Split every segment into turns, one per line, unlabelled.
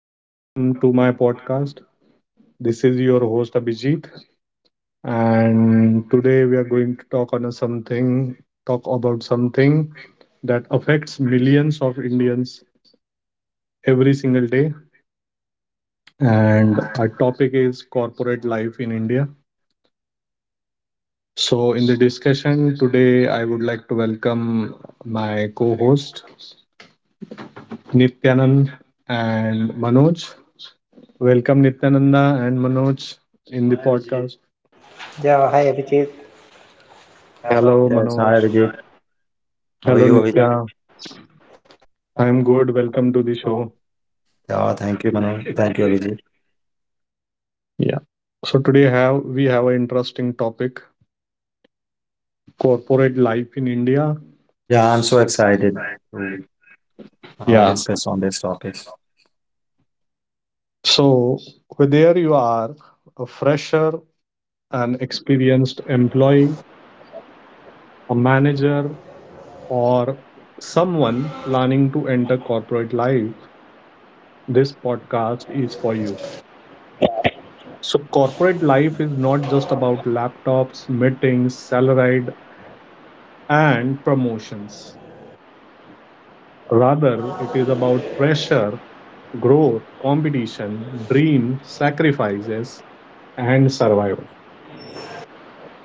Welcome to my podcast. This is your host Abhijit, and today we are going to talk about something that affects millions of Indians every single day. And our topic is corporate life in India. So, in the discussion today, I would like to welcome my co-host Nityanand and Manoj. Welcome Nityananda and Manoj in the podcast.
Yeah, hi Abhijit.
Hello.
Hello,
Yes,
Manoj.
hi Abhijit. How are
Hello
You, Hello. Abhijit?
Nitya,
Divya.
I'm
I'm good.
good.
Welcome
Welcome
to
to
the
the
show.
show.
Yeah, thank you, Manoj. Thank you, Abhijit.
Yeah. So today have we have an interesting topic, corporate life in India.
Yeah,
Yeah.
I'm so
I
excited to Yeah.
am
discuss on this topic.
So whether you are a fresher, an experienced employee, a manager, or someone planning to enter corporate life, this podcast is for you. So corporate life is not just about laptops, meetings, salaried, and promotions. Rather, it is about pressure, growth, competition, dream, sacrifices, and survival.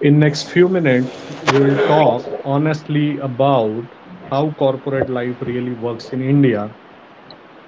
In next few minutes, we will talk honestly about how corporate life really works in India,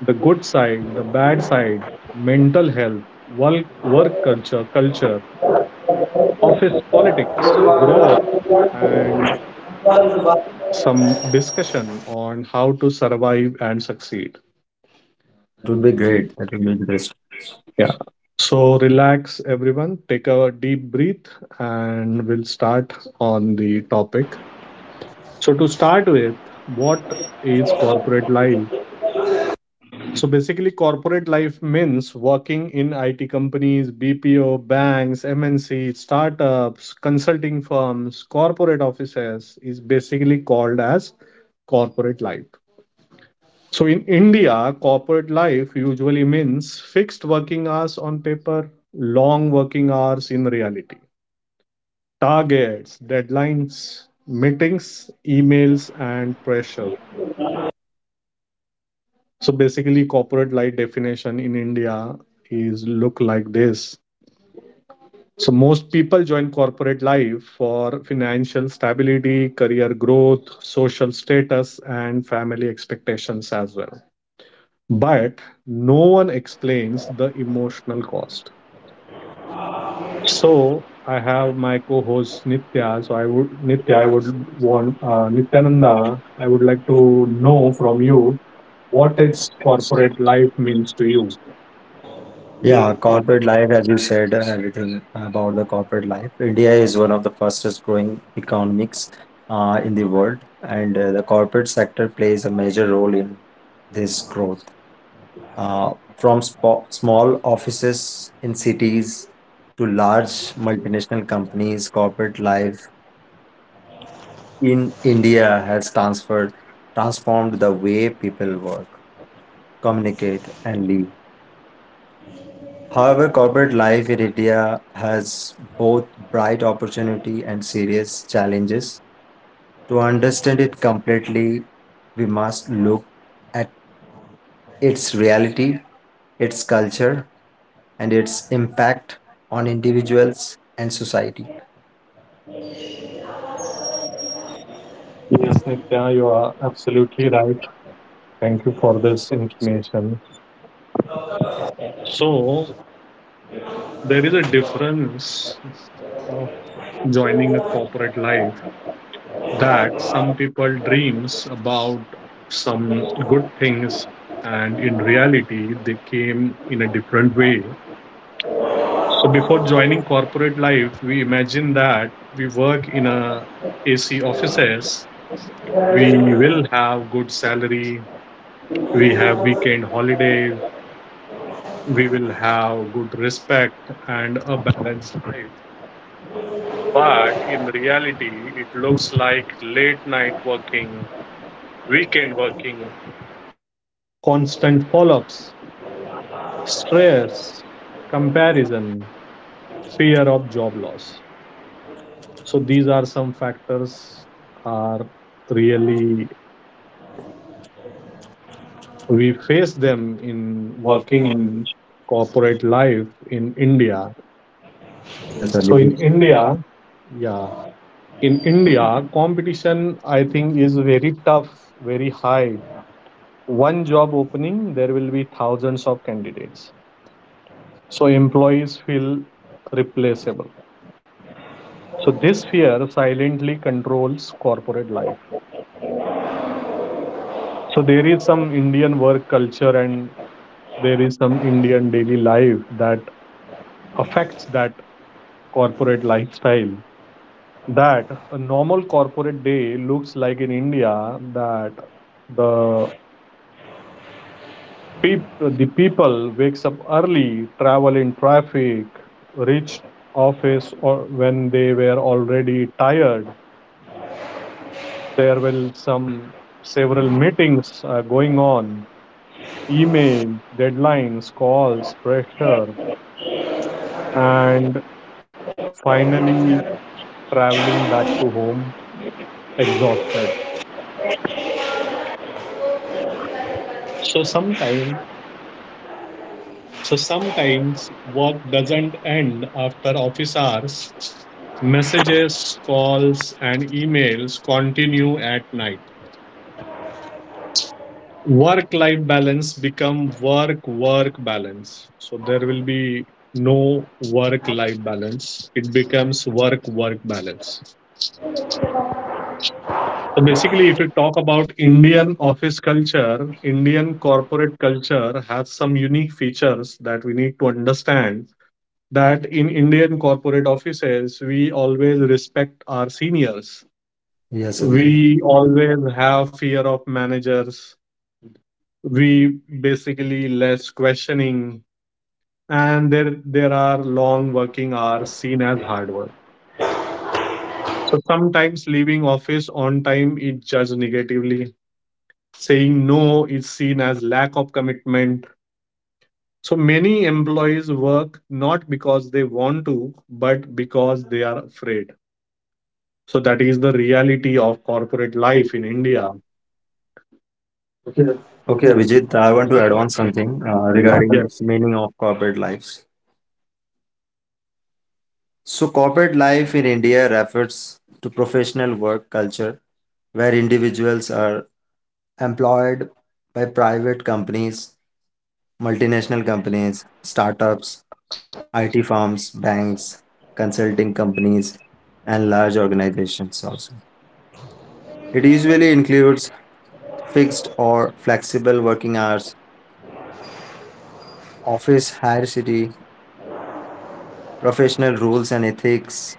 the good side, the bad side, mental health, work culture, office politics, growth, and some discussion on how to survive and succeed.
That would be great.
Yeah.
So,
So relax, everyone. Take a deep breath, and we'll start on the topic. So, to start with, what is corporate life? So, basically, corporate life means working in IT companies, BPO, banks, MNC, startups, consulting firms, corporate offices is basically called as corporate life. So in India, corporate life usually means fixed working hours on paper, long working hours in reality, targets, deadlines, meetings, emails, and pressure. So basically, corporate life definition in India is look like this. So most people join corporate life for financial stability, career growth, social status, and family expectations as well. But no one explains the emotional cost. So I have my co-host Nitya, so i would
next
nitya
I
I
would
would
want,
want
Vital
Nityananda,
now, I
I
would
would
like
like to
to
know
know
from
from
you,
you what
what is
is corporate
corporate
life
life
means
means
to
to
you.
you? Yeah.
Yeah, corporate life, as you said, everything about the corporate life. India is one of the fastest growing economies in the world, and the corporate sector plays a major role in this growth. From small offices in cities to large multinational companies, corporate life in India has transferred transformed the way people work, communicate, and live. However, corporate life in India has both bright opportunity and serious challenges. To understand it completely, we must look at its reality, its culture, and its impact on individuals and society. Yes,
Yes
Nitya,
Nitya, you
you are
are
absolutely
absolutely
right.
right.
Thank
Thank
you
you
for
for this
this interesting
information. So there is a difference of joining a corporate life, that some people dreams about some good things, and in reality they came in a different way. So before joining corporate life we imagine that we work in a AC offices, we will have good salary, we have weekend holidays, we will have good respect and a balanced life. But in reality it looks like late night working, weekend working, constant follow-ups, stress, comparison, fear of job loss. So these are some factors are really we face them in working
working
in
English.
corporate life in India.
Yes,
Yes,
So
sir. So in
Abhijit. India,
India, yeah, in India, competition I think is very tough, very high. One job opening, there will be thousands of candidates. So employees feel replaceable. So this fear silently controls corporate life. So there is some Indian work culture and there is some Indian daily life that affects that corporate lifestyle. That a normal corporate day looks like in India, that the the people wakes up early, travel in traffic, reach office or when they were already tired. There will some several meetings are going on, emails, deadlines, calls, pressure, and finally traveling back to home exhausted. So sometimes, so sometimes work doesn't end after office hours. Messages, calls, and emails continue at night. Work-life balance become work-work balance. So there will be no work-life balance. It becomes work-work balance. So basically, if you talk
about
about Indian
Indian,
office culture, Indian corporate culture has some unique features that we need to understand. That in Indian corporate offices, we always respect our seniors. Yes.
Yes, Abhijit.
We
We all
always have fear of managers. We basically less questioning, and there are long working hours seen as hard work. So sometimes leaving office on time is judged negatively. Saying no is seen as lack of commitment. So many employees work not because they want to, but because they are afraid. So that is the reality of corporate
live
life in
in India.
India. Okay,
Okay,
okay,
Abhijit,
Abhijit,
I
I
want
want
to add on
to
something
regarding
regarding
Yes,
its meaning of corporate lives. So, corporate life in India refers to professional work culture where individuals are employed by private companies, multinational companies, startups, IT firms, banks, consulting companies, and large organizations also. It usually includes fixed or flexible working hours, office hierarchy, professional rules and ethics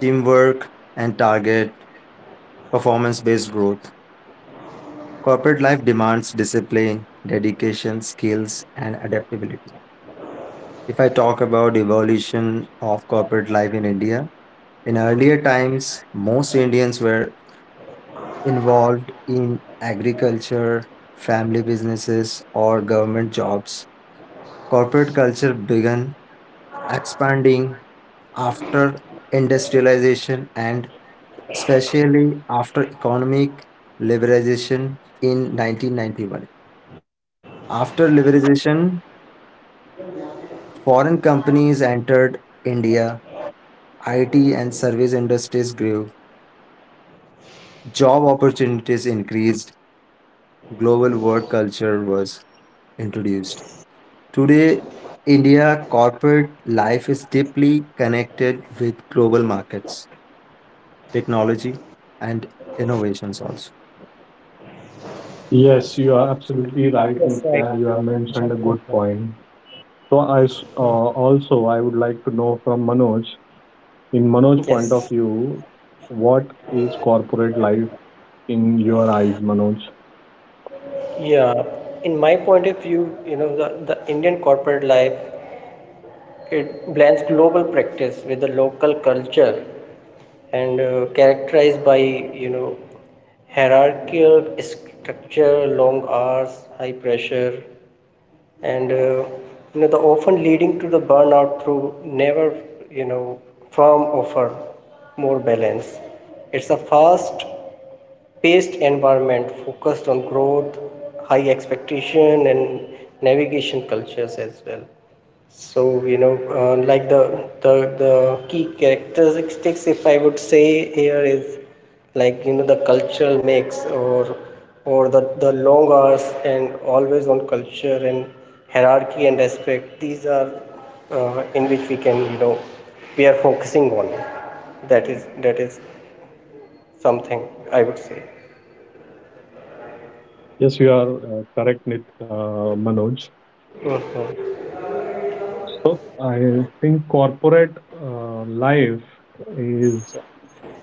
teamwork, and target performance based growth. Corporate life demands discipline, dedication, skills, and adaptability. If I talk about evolution of corporate life in India, in earlier times, most Indians were involved in agriculture, family businesses, or government jobs. Corporate culture began expanding after industrialization and especially after economic liberalization in 1991. After liberalization, foreign companies entered India, IT and service industries grew, job opportunities increased, global work culture was introduced. Today, India corporate life is deeply connected with global markets, technology, and innovations also.
yes,
Yes,
you
you
are
are
absolutely
absolutely
Yes,
right,
right,
I
Nitya.
Nitya.
You
You
have
have
mentioned a
mentioned.
good point. So also I would like to know from Manoj, in Manoj's
yes.
point of view, what is corporate life in your eyes, Manoj?
Yeah. In my point of view, the Indian corporate life, it blends global practice with the local culture and characterized by, hierarchical structure, long hours, high pressure, and you know the often leading to the burnout through never you know firm offer more balance. It's a fast paced environment focused on growth, high expectation, and navigation cultures as well. So, like the key characteristics, if I would say here, is like the cultural mix, or the long hours and always on culture, and hierarchy and respect. These are in which we can we are focusing on. That is something I would say.
Yes, you are correct, Manoj.
Mm-hmm.
So I think corporate life is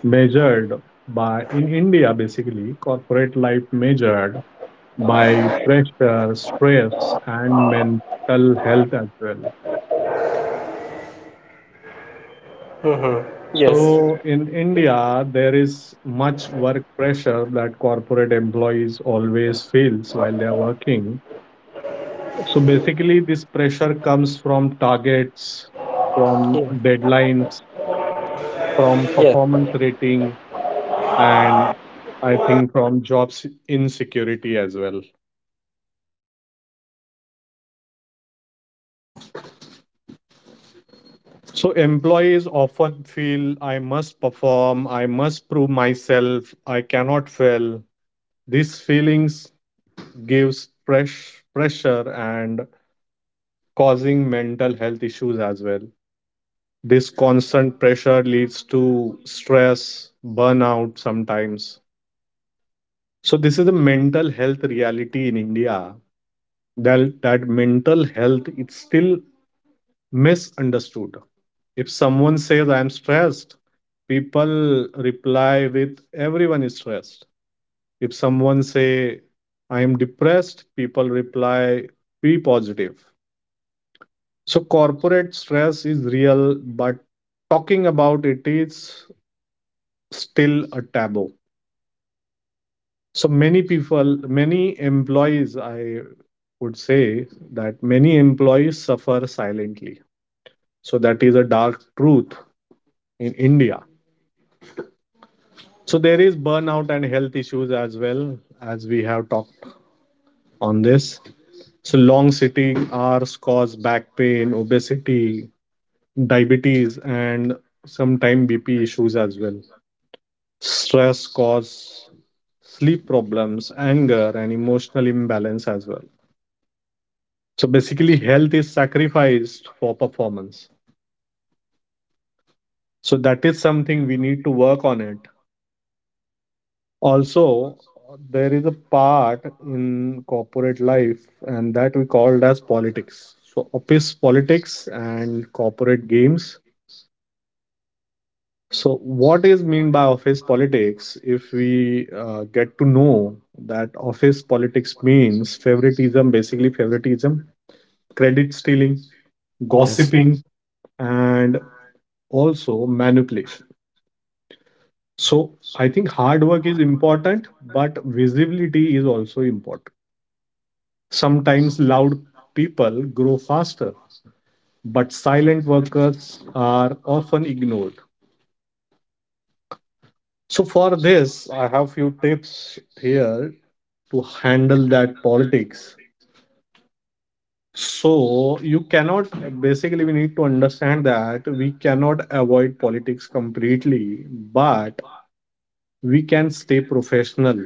measured by, in India basically, corporate life measured by pressure, stress, and mental health as well.
Mm-hmm. Yes.
So in India, there is much work pressure that corporate employees always feels while they are working. So basically, this pressure comes from targets, from
Yeah.
deadlines, from
Yes.
performance rating, and I think from jobs insecurity as well. So employees often feel I must perform, I must prove myself, I cannot fail. These feelings gives fresh pressure and causing mental health issues as well. This constant pressure leads to stress, burnout sometimes. So this is the mental health reality in India, that mental health it's still misunderstood. If someone says I am stressed, people reply with everyone is stressed. If someone say I am depressed, people reply be positive. So corporate stress is real, but talking about it is still a taboo. So many people, many employees, I would say that many employees suffer silently. So that is a dark truth in India. So there is burnout and health issues as well as we have talked on this. So long sitting hours cause back pain, obesity, diabetes, and sometimes BP issues as well. Stress cause sleep problems, anger, and emotional imbalance as well. So basically, health is sacrificed for performance. So that is something we need to work on it. Also, there is a part in corporate life, and that we called as politics. So office politics and corporate games. So what is mean by office politics? If we get to know that office politics means favoritism, basically favoritism, credit stealing,
Yes. Gossiping.
gossiping, and also manipulation. So I think hard work is important, but visibility is also important. Sometimes loud people grow faster, but silent workers are often ignored. So for this, I have few tips here to handle that politics. So you cannot basically we need to understand that we cannot avoid politics completely, but we can stay professional.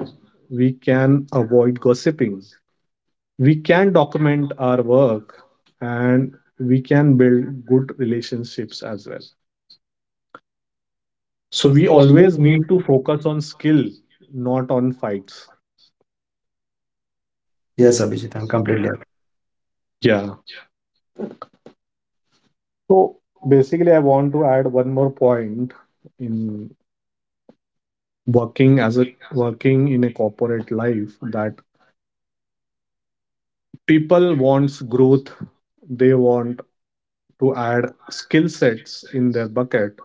We can avoid gossiping, we can document our work, and we can build good relationships as well. So
So
we
we always
always
need
need to
to.
focus on skill, not on fights.
Yes,
Yes, Abhishek,
Abhijit, I'm
I'll come
completely
back.
agree.
Yeah. So basically, I want to add one more point in working as a working in a corporate life, that people wants growth. They want to add skill sets in their bucket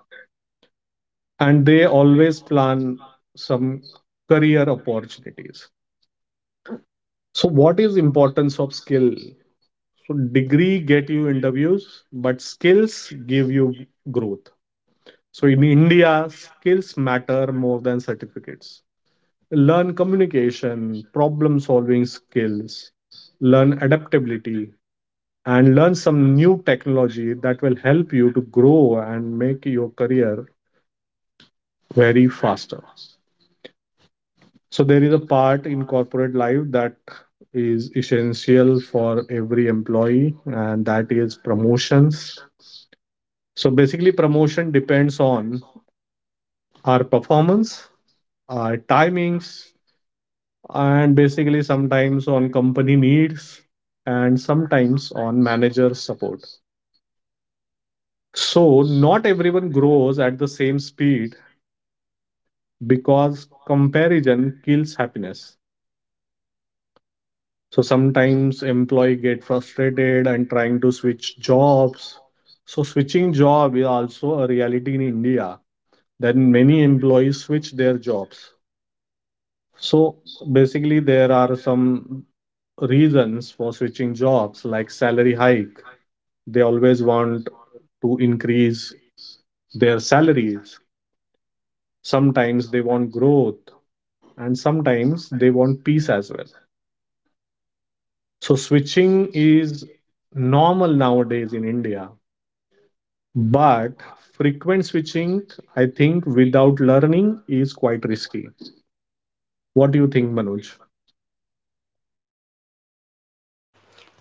and they always plan some career opportunities. So what is importance of skill? So degree get you interviews but skills give you growth. So in India skills matter more than certificates. Learn communication, problem solving skills, learn adaptability, and learn some new technology that will help you to grow and make your career very faster. So there is a part in corporate life that is essential for every employee, and that is promotions. So basically, promotion depends on our performance, our timings, and basically sometimes on company needs and sometimes on manager support. So not everyone grows at the same speed because comparison kills happiness. So sometimes employee get frustrated and trying to switch jobs. So switching job is also a reality in India. Then many employees switch their jobs. So basically there are some reasons for switching jobs like salary hike. They always want to increase their salaries. Sometimes they want growth and sometimes they want peace as well. So switching is normal nowadays in India. But frequent switching, I think, without learning is quite risky. What do you think, Manoj?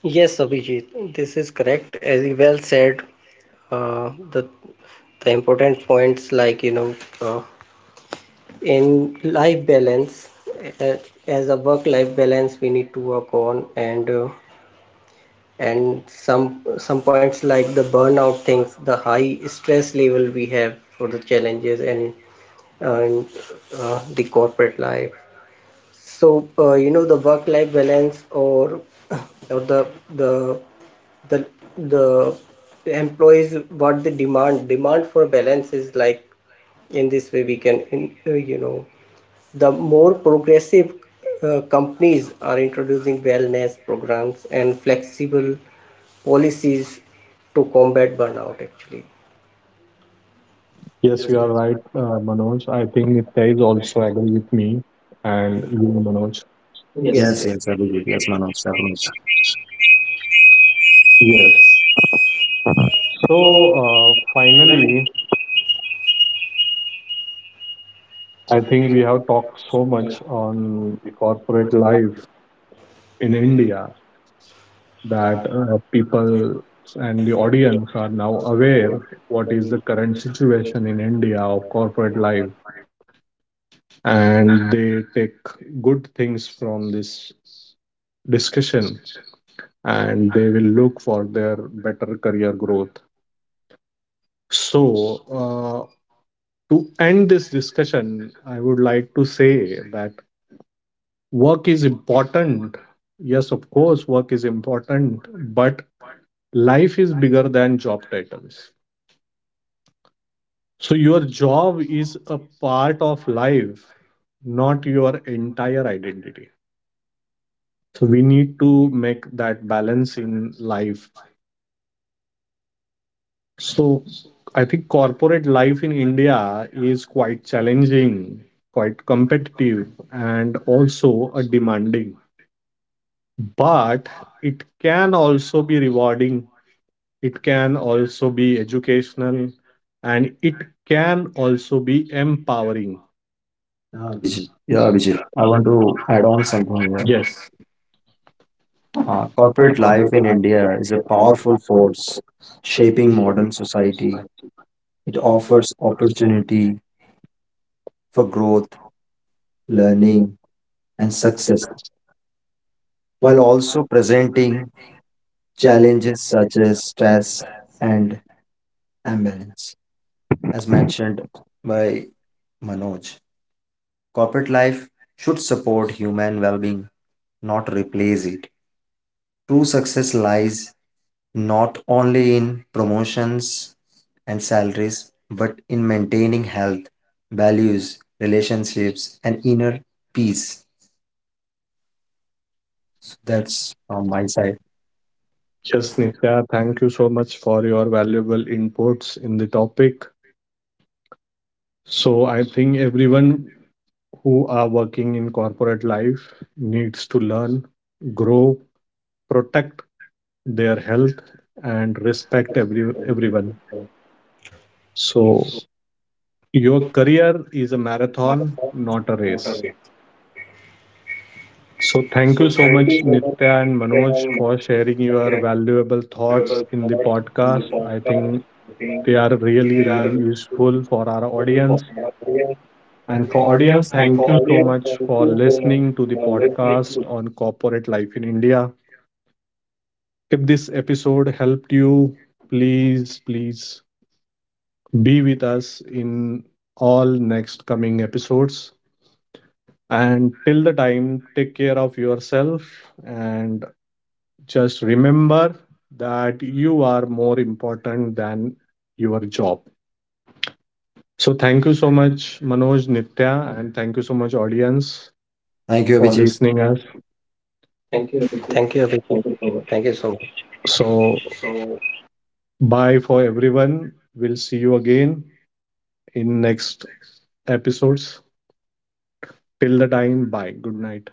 Yes, Abhijit, this is correct. As you well said, uh, the the important points, like uh, in life balance, uh, as a work life balance we need to work on. And some points like the burnout things, the high stress level we have for the challenges, and uh, and the corporate life. So you know, the work life balance, or the the the employees, what they demand for balance, is like in this way we can, uh, you know the more progressive companies are introducing wellness programs and flexible policies to combat burnout actually.
Yes, you are right, Manoj. I think Nitya is also agree with me and you, Manoj. Yes,
Yes,
that's
Yes,
yes,
yes, Abhijit. Yes, Manoj, Manoj.
Yes. So finally, I think we have talked so much on the corporate life in India, that people and the audience are now aware what is the current situation in India of corporate life, and they take good things from this discussion and they will look for their better career growth. So, uh, to end this discussion, I would like to say that work is important. Yes, of course, work is important, but life is bigger than job titles. So, your job is a part of life, not your entire identity. So we need to make that balance in life. So I think corporate life in India is quite challenging, quite competitive, and also a demanding. But it can also be rewarding. It can also be educational, and it can also be empowering.
Yeah, Abhijit. Yeah, Abhijit. I want to add on something here.
Yeah,
Yes,
corporate
corporate life
biotech
in
employers
India is a
were all for
powerful
firms
force shaping
shaping modern
modern
society.
society.
Right. It
It
offers
offers
opportunity
opportunity
for
for
growth,
growth,
learning,
learning,
and
and
success,
success,
while
while also
also presenting
presenting
challenges
challenges
such
such
as
as
stress
stress
and
and imbalance, as
anxiety.
mentioned by Manoj. Corporate life should support human well being, not replace it. True success lies not only in promotions and salaries, but in maintaining health, values, relationships, and inner peace. So
That's
that's
on
from
my
my
side.
side.
Yes,
Just
Nitya, thank you so much for your valuable inputs in the topic. So, I think everyone who are working in corporate life needs to learn, grow, protect their health and respect everyone. So your career is a marathon, not a race. So thank you so much Nitya and Manoj for sharing your valuable thoughts in the podcast. I think they are really really useful for our audience. And
and
for
for
audience,
audience,
thank
thank you.
you so much for listening to the podcast on corporate life in India. If this episode helped you, please be with us in all next coming episodes. And till the time, take care of yourself and just remember that you are more important than your job. So, thank you so much, Manoj, Nitya, and thank you so much, audience. Thank
Thank
thank
you,
you,
you
for
for Abhishek.
Abhijit.
Listening
Abhijit.
us.
Thank you so much.
Thank you, Abhishek. Thank you so much. So, bye for everyone. We'll see you again in next episodes. Till the time, bye. Good night.